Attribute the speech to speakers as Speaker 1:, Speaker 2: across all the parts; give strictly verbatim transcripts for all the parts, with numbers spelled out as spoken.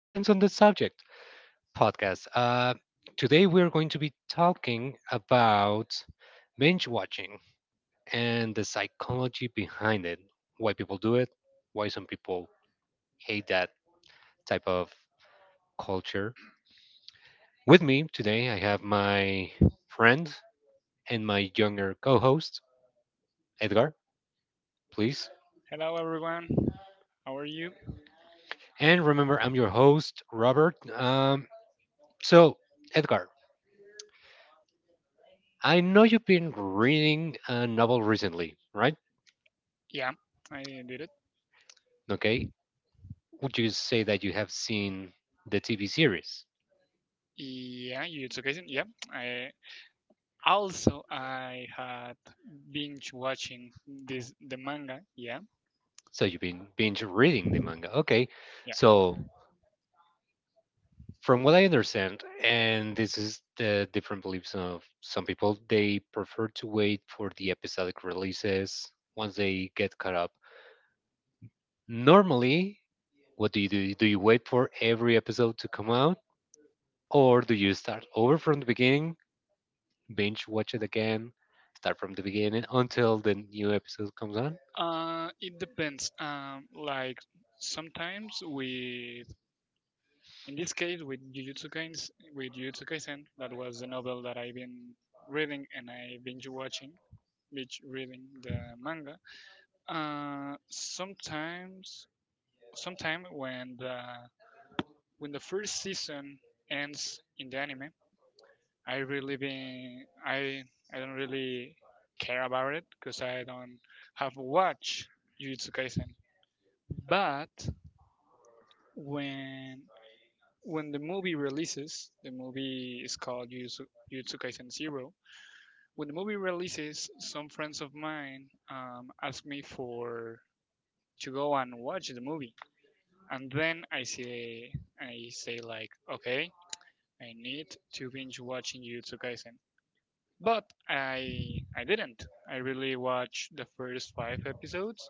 Speaker 1: depends on the subject, podcast. Uh, today, we're going to be talking about binge watching and the psychology behind it, why people do it, why some people hate that type of culture. With me today, I have my friend and my younger co host, Edgar, please.
Speaker 2: Hello, everyone. How are you?
Speaker 1: And remember, I'm your host, Robert. Um, So, Edgar, I know you've been reading a novel recently, right?
Speaker 2: Yeah, I did it.
Speaker 1: Okay. Would you say that you have seen the T V series?
Speaker 2: Yeah, you took it. Yeah, I also I had binge watching this the manga. Yeah,
Speaker 1: So you've been binge reading the manga. Okay.
Speaker 2: yeah.
Speaker 1: So, from what I understand, and this is the different beliefs of some people, they prefer to wait for the episodic releases once they get caught up. Normally, what do you do? Do you wait for every episode to come out, or do you start over from the beginning binge watch it again, start from the beginning until the new episode comes on.
Speaker 2: Uh, it depends. Um, like sometimes with in this case with Jujutsu Kaisen, with Jujutsu Kaisen, that was the novel that I've been reading and I binge watching, binge reading the manga. Uh, sometimes sometime when the When the first season ends in the anime, I really been I I don't really care about it because I don't have watched Jujutsu Kaisen. But when when the movie releases, the movie is called Jujutsu, Jujutsu Kaisen Zero. When the movie releases, some friends of mine um, asked me for to go and watch the movie, and then I say I say like, okay, I need to binge watching Jujutsu Kaisen. But I I didn't. I really watched the first five episodes.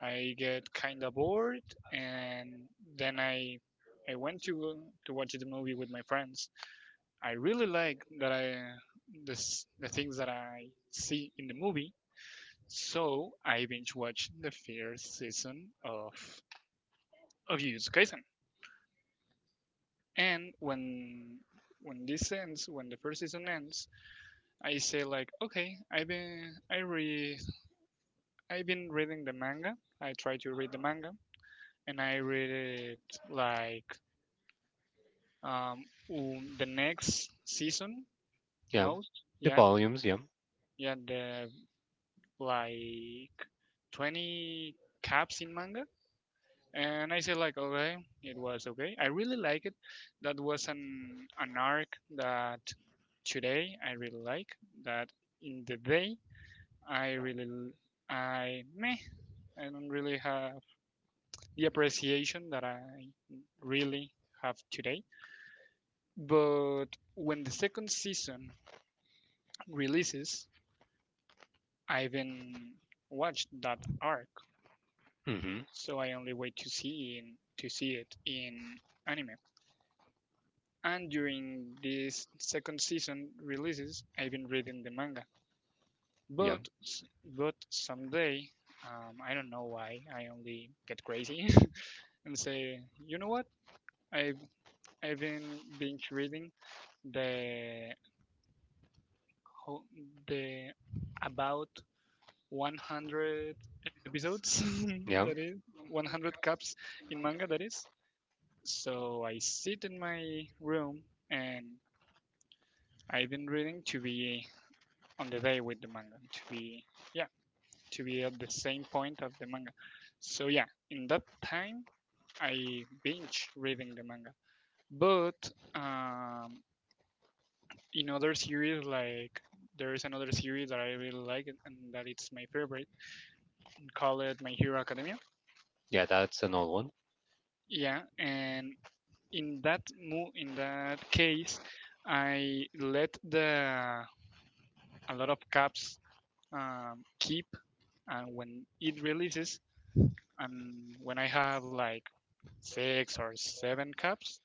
Speaker 2: I get kinda bored, and then I I went to to watch the movie with my friends. I really like that I this the things that I see in the movie. So I binge watched the first season of of Jujutsu Kaisen. And when when this ends, when the first season ends, I say like, okay, I've been I read I've been reading the manga. I try to read the manga, and I read it like um um, the next season
Speaker 1: Yeah,
Speaker 2: most.
Speaker 1: the
Speaker 2: Yeah,
Speaker 1: volumes. Yeah,
Speaker 2: yeah, the like twenty caps in manga, and I say like, okay, it was okay. I really like it. That was an an arc that today I really like. That in the day I really l- I meh I don't really have the appreciation that I really have today. But when the second season releases, I haven't watched that arc,
Speaker 1: hmm
Speaker 2: so I only wait to see in, to see it in anime. And during this second season releases, I've been reading the manga.
Speaker 1: yeah,
Speaker 2: But s- but someday, um, I don't know why, I only get crazy and say, you know what? I've even binge reading the whole- the about one hundred episodes that
Speaker 1: yeah,
Speaker 2: is one hundred cups in manga that is. So I sit in my room, and I've been reading to be on the day with the manga to be, yeah, to be at the same point of the manga. So, yeah, in that time I binge reading the manga, but um, in other series, like there is another series that I really like and and that it's my favorite, and call it My Hero Academia.
Speaker 1: yeah. That's an old one,
Speaker 2: Yeah, and in that mo- in that case, I let the a lot of caps um, keep, and when it releases, and when I have like six or seven caps,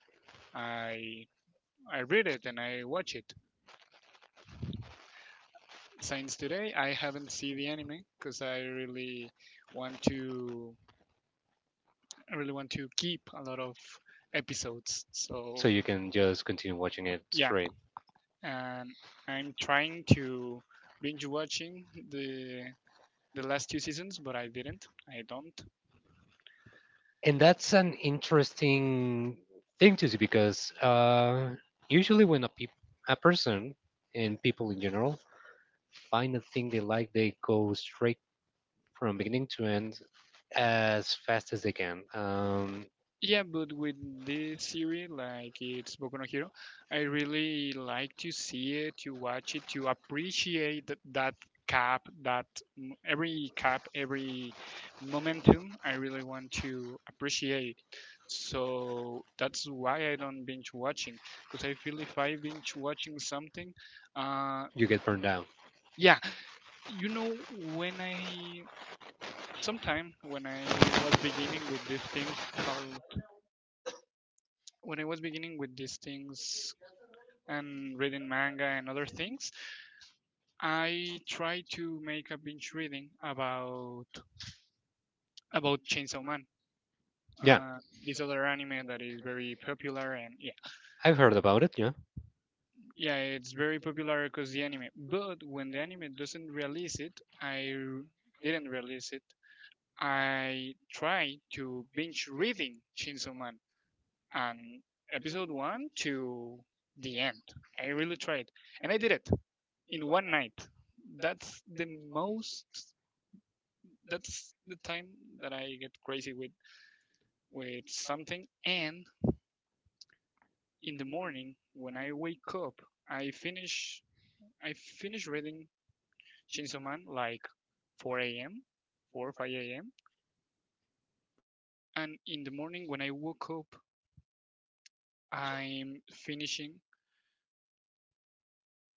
Speaker 2: I I read it and I watch it. Since today, I haven't seen the anime because I really want to I really want to keep a lot of episodes. So,
Speaker 1: so you can just continue watching it
Speaker 2: yeah,
Speaker 1: straight.
Speaker 2: and I'm trying to binge watching the the last two seasons, but I didn't. I don't.
Speaker 1: And that's an interesting thing to see because uh, usually when a peop- a person and people in general find a thing they like, they go straight from beginning to end as fast as they can. Um,
Speaker 2: Yeah, but with this series, like it's Boku no Hero, I really like to see it, to watch it, to appreciate th- that cap, that m- every cap, every momentum. I really want to appreciate. So that's why I don't binge watching, because I feel if I binge watching something, uh,
Speaker 1: you get burned out.
Speaker 2: yeah, you know, when I sometime when I was beginning with these things called when I was beginning with these things and reading manga and other things, I tried to make a binge reading about about Chainsaw Man.
Speaker 1: Yeah,
Speaker 2: Uh, this other anime that is very popular, and yeah,
Speaker 1: I've heard about it. Yeah,
Speaker 2: yeah, it's very popular because the anime, but when the anime doesn't release it i r- didn't release it, I tried to binge reading Chainsaw Man, and episode one to the end, I really tried, and I did it in one night. That's the most. That's the time that I get crazy with with something. And in the morning when I wake up, I finish I finish reading Chainsaw Man like four a m four or five a m. And in the morning when I woke up, I'm finishing.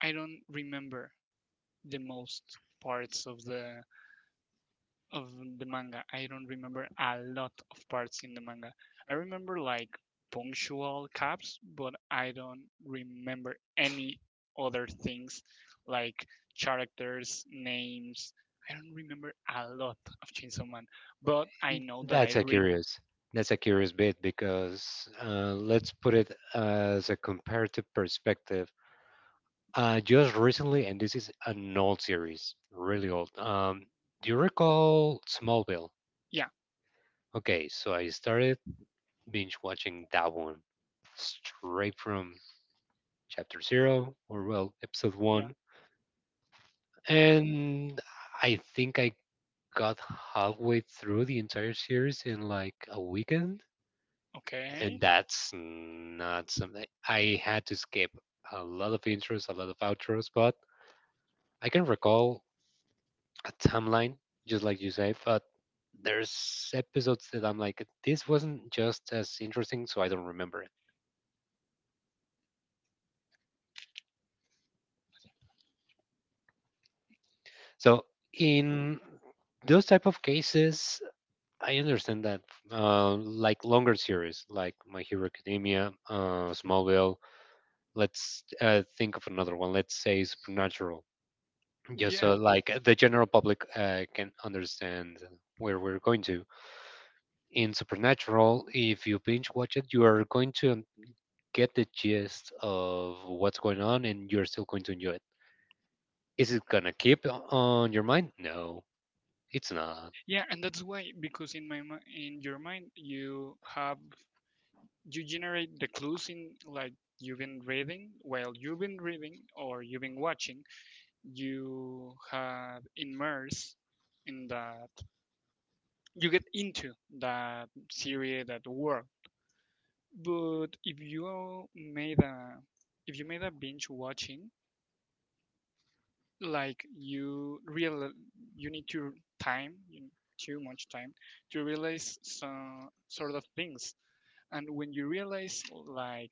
Speaker 2: I don't remember the most parts of the of the manga. I don't remember a lot of parts in the manga. I remember like punctual caps, but I don't remember any other things like characters, names. I don't remember a lot of Chainsaw Man, but I know that I
Speaker 1: that's a
Speaker 2: read.
Speaker 1: curious. That's a curious bit because uh, let's put it as a comparative perspective. Uh, just recently, and this is an old series, really old. Um, do you recall Smallville?
Speaker 2: Yeah,
Speaker 1: Okay, so I started binge watching that one straight from chapter zero, or well, episode
Speaker 2: yeah,
Speaker 1: one, and I think I got halfway through the entire series in like a weekend, and
Speaker 2: okay,
Speaker 1: that's not something. I had to skip a lot of intros, a lot of outros, but I can recall a timeline, just like you say, but there's episodes that I'm like, this wasn't just as interesting, so I don't remember it. So in those type of cases, I understand that, uh, like longer series, like My Hero Academia, uh, Smallville. Let's uh, think of another one. Let's say Supernatural, just
Speaker 2: yeah,
Speaker 1: so like the general public uh, can understand where we're going to. In Supernatural, if you binge watch it, you are going to get the gist of what's going on, and you're still going to enjoy it. Is it gonna keep on your mind? No, it's not.
Speaker 2: yeah, and that's why, because in my mi- in your mind you have, you generate the clues in, like, you've been reading while you've been reading or you've been watching, you have immersed in that, you get into that series, that world. But if you made a if you made a binge watching, like you real, you need to time you need too much time to realize some sort of things. And when you realize like,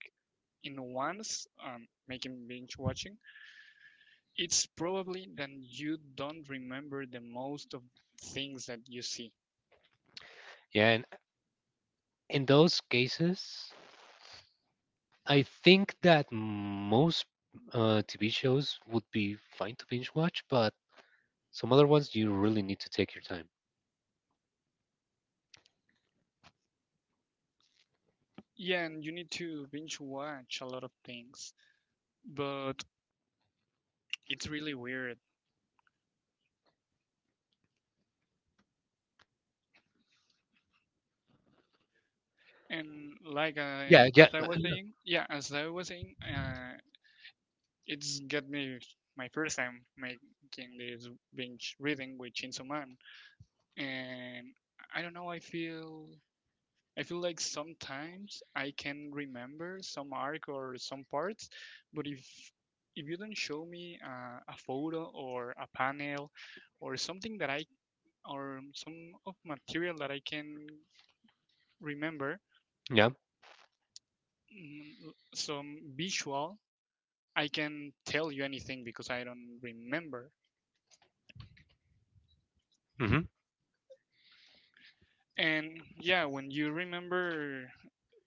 Speaker 2: in once, um, making binge watching, it's probably then you don't remember the most of things that you see.
Speaker 1: Yeah, and in those cases, I think that most uh, T V shows would be fine to binge watch, but some other ones you really need to take your time.
Speaker 2: Yeah, and you need to binge watch a lot of things, but it's really weird. And like
Speaker 1: Yeah,
Speaker 2: I,
Speaker 1: yeah,
Speaker 2: as I
Speaker 1: uh,
Speaker 2: was
Speaker 1: uh,
Speaker 2: saying, yeah, as I was saying, uh, it's got me my first time making this binge reading with Chainsaw Man, and I don't know. I feel I feel like sometimes I can remember some arc or some parts, but if if you don't show me, uh, a photo or a panel or something that I or some of material that I can remember,
Speaker 1: yeah,
Speaker 2: mm, some visual, I can tell you anything because I don't remember.
Speaker 1: hmm
Speaker 2: And yeah, when you remember,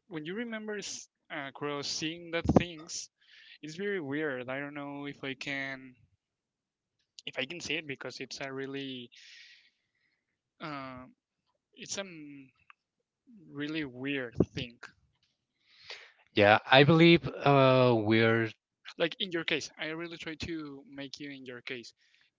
Speaker 2: when you remember s- across seeing that things, it's very weird. I don't know if I can, if I can say it because it's a really, uh, it's a m- really weird thing.
Speaker 1: yeah. I believe uh, we're.
Speaker 2: Like in your case, I really try to make you in your case.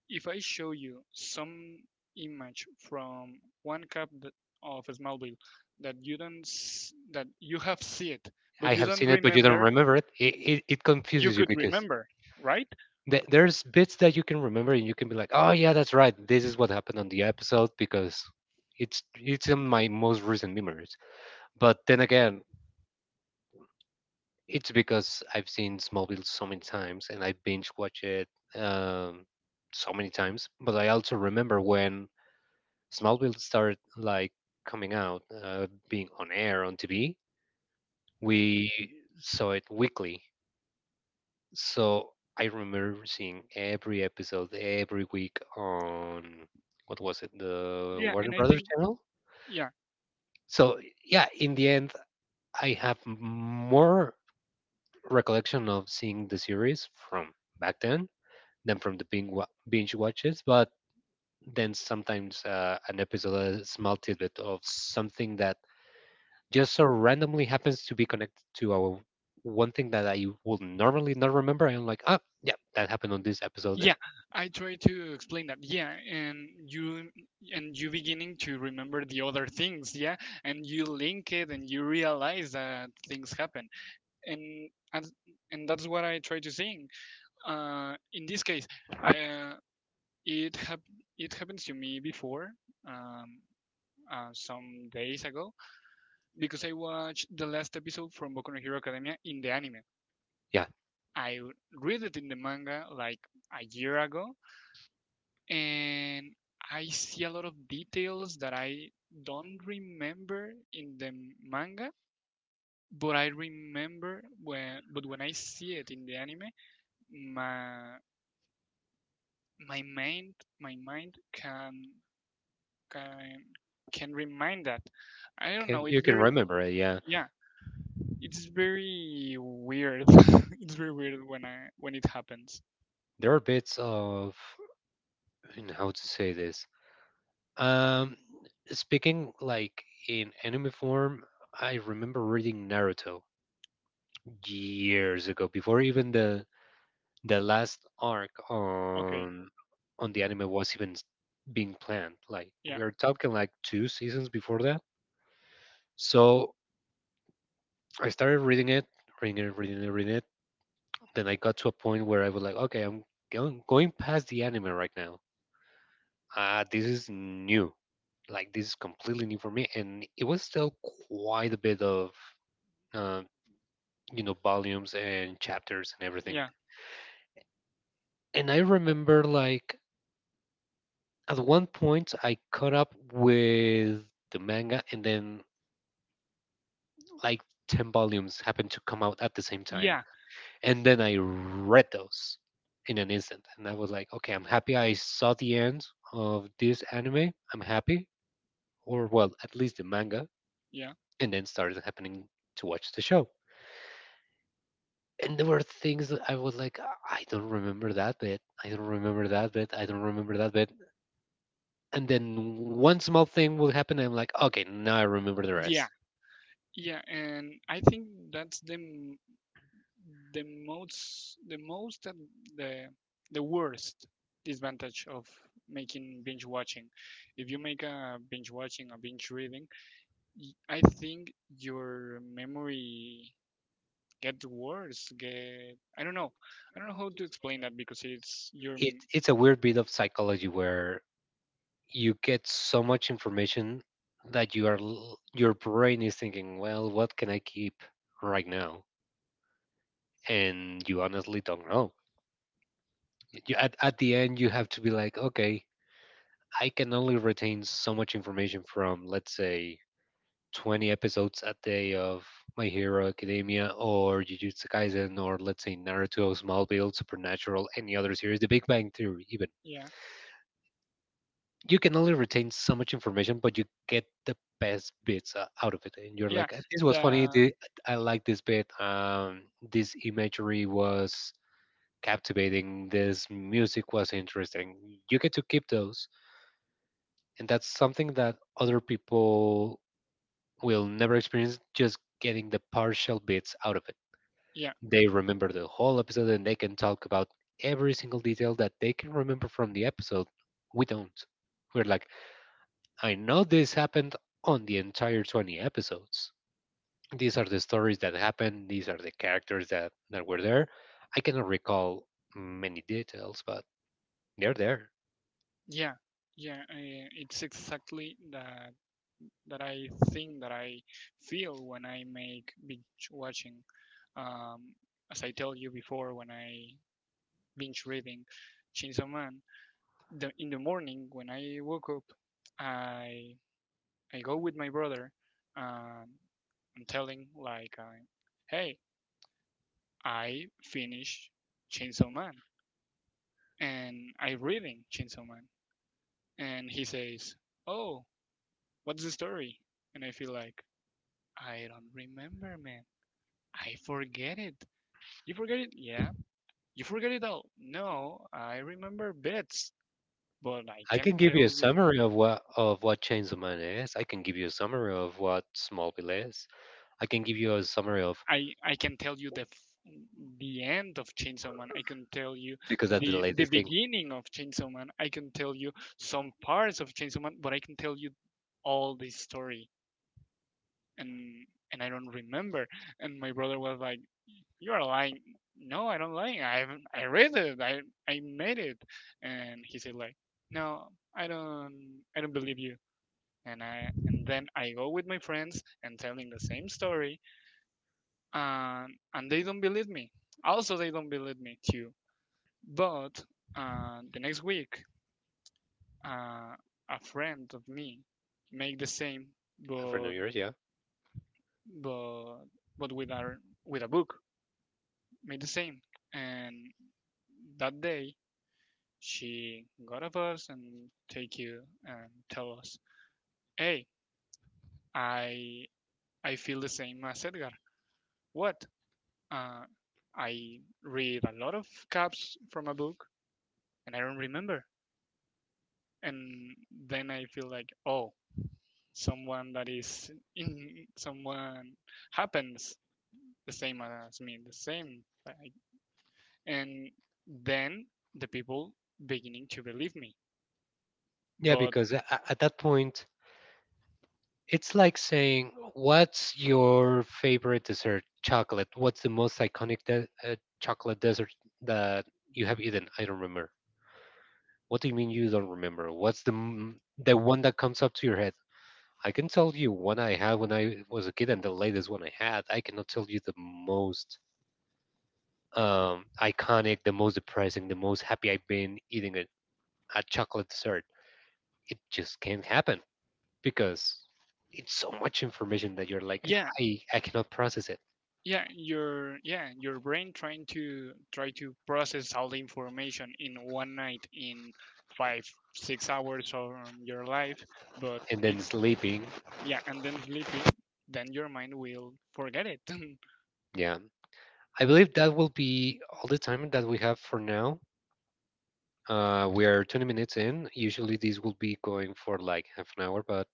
Speaker 2: If I show you some image from one cup that, of Smallville, that you don't s- that you have see it, but
Speaker 1: I
Speaker 2: you
Speaker 1: have
Speaker 2: don't
Speaker 1: seen it, but you don't
Speaker 2: remember,
Speaker 1: remember it. It it, it
Speaker 2: you
Speaker 1: confuses you
Speaker 2: could
Speaker 1: because
Speaker 2: remember, right?
Speaker 1: th- there's bits that you can remember, and you can be like, "Oh yeah, that's right. This is what happened on the episode because." It's it's in my most recent memories, but then again, it's because I've seen Smallville so many times and I binge watch it um, so many times. But I also remember when Smallville started like coming out, uh, being on air on T V. We saw it weekly, so I remember seeing every episode every week on what was it, the
Speaker 2: Yeah,
Speaker 1: Warner
Speaker 2: and I
Speaker 1: Brothers
Speaker 2: think,
Speaker 1: channel.
Speaker 2: yeah.
Speaker 1: So yeah, in the end, I have more recollection of seeing the series from back then them from the binge, wa- binge watches, but then sometimes uh, an episode, a small tidbit of something that just so randomly happens to be connected to our one thing that I would normally not remember. I'm like, ah, yeah, that happened on this episode. eh,
Speaker 2: Yeah, I try to explain that. Yeah, and you and you beginning to remember the other things, yeah, and you link it and you realize that things happen. And and, and that's what I try to sing. Uh in this case, I, It hap- it happened to me before, um, uh, some days ago, because I watched the last episode from Boku no Hero Academia in the anime.
Speaker 1: Yeah,
Speaker 2: I read it in the manga like a year ago, and I see a lot of details that I don't remember in the manga, but I remember when. But when I see it in the anime, my my mind my mind can can can remind that. I don't
Speaker 1: can,
Speaker 2: know. It's
Speaker 1: you can
Speaker 2: very.
Speaker 1: remember it. Yeah,
Speaker 2: Yeah. It's very weird. It's very weird when I when it happens.
Speaker 1: there are bits of in how to say this. Um, speaking like in anime form, I remember reading Naruto years ago before even the the last arc
Speaker 2: Okay.
Speaker 1: on on the anime was even s- being planned. Like
Speaker 2: Yeah.
Speaker 1: we are talking like two seasons before that. So I started reading it, reading it, reading it, reading it. Then I got to a point where I was like, okay, I'm going going past the anime right now. Ah, this is new. Like this is completely new for me, and it was still quite a bit of uh, you know volumes and chapters and everything.
Speaker 2: Yeah.
Speaker 1: And I remember like at one point I caught up with the manga and then like ten volumes happened to come out at the same time.
Speaker 2: Yeah.
Speaker 1: And then I read those in an instant and I was like, okay, I'm happy I saw the end of this anime. I'm happy or well, at least the manga
Speaker 2: Yeah.
Speaker 1: and then started happening to watch the show. And there were things that I was like, I don't remember that bit. I don't remember that bit. I don't remember that bit. And then one small thing will happen. And I'm like, okay, now I remember the
Speaker 2: Yeah.
Speaker 1: rest.
Speaker 2: Yeah. And I think that's the m- the most the most and the the worst disadvantage of making binge watching. If you make a binge watching, a binge reading, I think your memory get worse, get i don't know i don't know how to explain that because it's your
Speaker 1: it
Speaker 2: m-
Speaker 1: it's a weird bit of psychology where you get so much information that you are l- your brain is thinking, well, what can I keep right now? And you honestly don't know. You, at at the end, you have to be like, okay, I can only retain so much information from, let's say, twenty episodes a day of My Hero Academia or Jujutsu Kaisen or let's say Naruto, Smallville, Supernatural, any other series, The Big Bang Theory, even
Speaker 2: yeah.
Speaker 1: you can only retain so much information, but you get the best bits uh, out of it, and you're
Speaker 2: Yeah,
Speaker 1: like, "Uh, "This was funny.
Speaker 2: the
Speaker 1: thi- I like this bit. Um, this imagery was captivating. This music was interesting." You get to keep those, and that's something that other people will never experience. Just getting the partial bits out of it.
Speaker 2: yeah,
Speaker 1: They remember the whole episode, and they can talk about every single detail that they can remember from the episode. We don't. We're like, I know this happened on the entire twenty episodes. These are the stories that happened, these are the characters that, that were there. I cannot recall many details, but they're there.
Speaker 2: yeah, yeah, uh, it's exactly that that I think that I feel when I make binge watching, um as I tell you before, when I binge reading Chainsaw Man, the, in the morning when I woke up, i i go with my brother, um I'm telling like, uh, hey, I finished Chainsaw Man and I reading Chainsaw Man. And he says, oh, what's the story? And I feel like, I don't remember, man. I forget it. You forget it? Yeah. You forget it all? No, I remember bits, but I
Speaker 1: I
Speaker 2: can
Speaker 1: can give you
Speaker 2: tell
Speaker 1: a
Speaker 2: you.
Speaker 1: summary of what of what Chainsaw Man is. I can give you a summary of what Smallville is. I can give you a summary of
Speaker 2: I, I can tell you the f- the end of Chainsaw Man. I can tell you
Speaker 1: because that's the
Speaker 2: the the
Speaker 1: latest thing
Speaker 2: beginning of Chainsaw Man. I can tell you some parts of Chainsaw Man, but I can tell you all the story, and and I don't remember. And my brother was like, "You are lying." No, I don't lie. I I read it. I I made it. And he said like, "No, I don't. I don't believe you." And I and then I go with my friends and telling the same story, and and they don't believe me. Also, they don't believe me too. But uh, the next week, uh, a friend of me make the same,
Speaker 1: for New
Speaker 2: but
Speaker 1: Year's, yeah.
Speaker 2: but but with our with a book, made the same. And that day, she got up us and take you and tell us, "Hey, I I feel the same as Edgar. What? Uh, I read a lot of caps from a book, and I don't remember." And then I feel like, oh, someone that is in someone happens the same as me, the same. like- And then the people beginning to believe me.
Speaker 1: Yeah,
Speaker 2: But
Speaker 1: because a- a- at that point it's like saying, "What's your favorite dessert? Chocolate. What's the most iconic de- uh, chocolate dessert that you have eaten?" I don't remember. What do you mean you don't remember? What's the m- the one that comes up to your head? I can tell you one I had when I was a kid and the latest one I had. I cannot tell you the most um, iconic, the most depressing, the most happy I've been eating a, a chocolate dessert. It just can't happen because it's so much information that you're like,
Speaker 2: yeah,
Speaker 1: I, I cannot process it.
Speaker 2: yeah your yeah your brain trying to try to process all the information in one night in five six hours of um, your life, but
Speaker 1: And then
Speaker 2: it,
Speaker 1: sleeping.
Speaker 2: yeah, and then sleepy, then your mind will forget it
Speaker 1: Yeah, I believe that will be all the time that we have for now. Uh, we are twenty minutes in. Usually, these will be going for like half an hour, but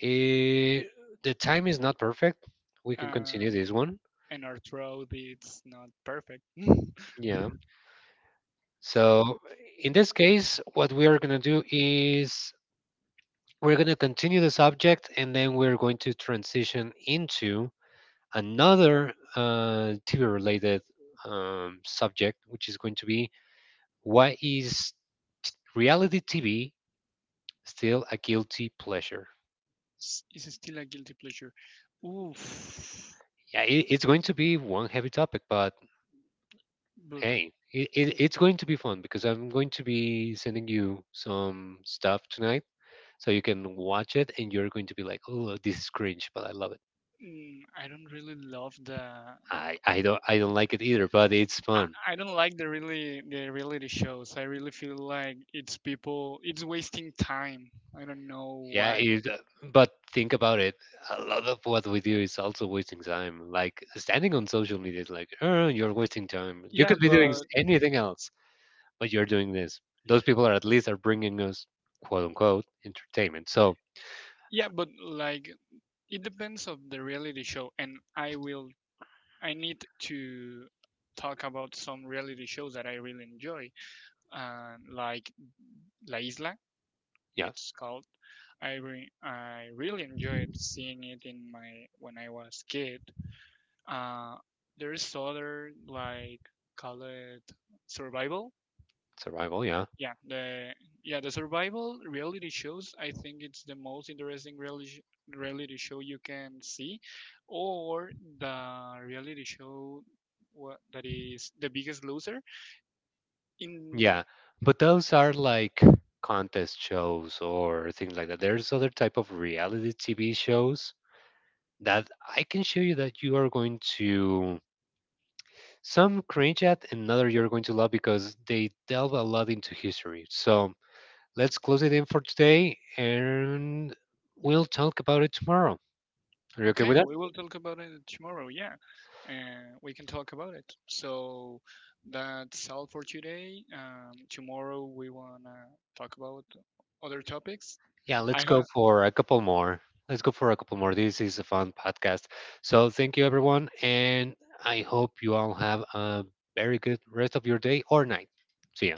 Speaker 1: eh, the time is not perfect. We can
Speaker 2: uh,
Speaker 1: continue this one.
Speaker 2: and our throat it's not perfect
Speaker 1: Yeah. So, in this case, what we are going to do is we're going to continue the subject and then we're going to transition into another uh, T V related um, subject, which is going to be what is reality T V still a guilty pleasure.
Speaker 2: S- it's still a guilty pleasure. Oof.
Speaker 1: Yeah, it, it's going to be one heavy topic, but
Speaker 2: But
Speaker 1: hey, it, it, it's going to be fun because I'm going to be sending you some stuff tonight, so you can watch it, and you're going to be like, "Oh, this is cringe," but I love it.
Speaker 2: mm, I don't really love the
Speaker 1: I, I don't I don't like it either, but it's
Speaker 2: I,
Speaker 1: fun.
Speaker 2: I don't like the really the reality shows. I really feel like it's people it's wasting time. I don't know
Speaker 1: Yeah,
Speaker 2: why.
Speaker 1: it, but think about it. A lot of what we do is also wasting time. Like standing on social media is like, oh, you're wasting time. You
Speaker 2: Yeah,
Speaker 1: could be doing
Speaker 2: but
Speaker 1: anything else. But you're doing this. Those people are at least are bringing us quote unquote entertainment. So
Speaker 2: yeah, but like, it depends of the reality show, and I will I need to talk about some reality shows that I really enjoy. Uh, like La Isla,
Speaker 1: yeah,
Speaker 2: it's called. I re- I really enjoyed seeing it in my when I was kid. Uh, there is other, like, call it survival.
Speaker 1: survival. Yeah,
Speaker 2: Yeah, the yeah the survival reality shows. I think it's the most interesting reality sh- reality show you can see, or the reality show wha- that is the Biggest Loser. In Yeah.
Speaker 1: yeah. But those are like contest shows or things like that. There's other type of reality T V shows that I can show you that you are going to some cringe at, another you're going to love because they delve a lot into history. So let's close it in for today, and we'll talk about it tomorrow. Are you okay
Speaker 2: Okay,
Speaker 1: with that?
Speaker 2: we will talk about it tomorrow. Yeah, and we can talk about it. So that's all for today. Um, tomorrow we wanna talk about other topics.
Speaker 1: Yeah,
Speaker 2: I
Speaker 1: let's go
Speaker 2: heard.
Speaker 1: for a couple more. Let's go for a couple more. This is a fun podcast. So thank you, everyone. And I hope you all have a very good rest of your day or night. See ya.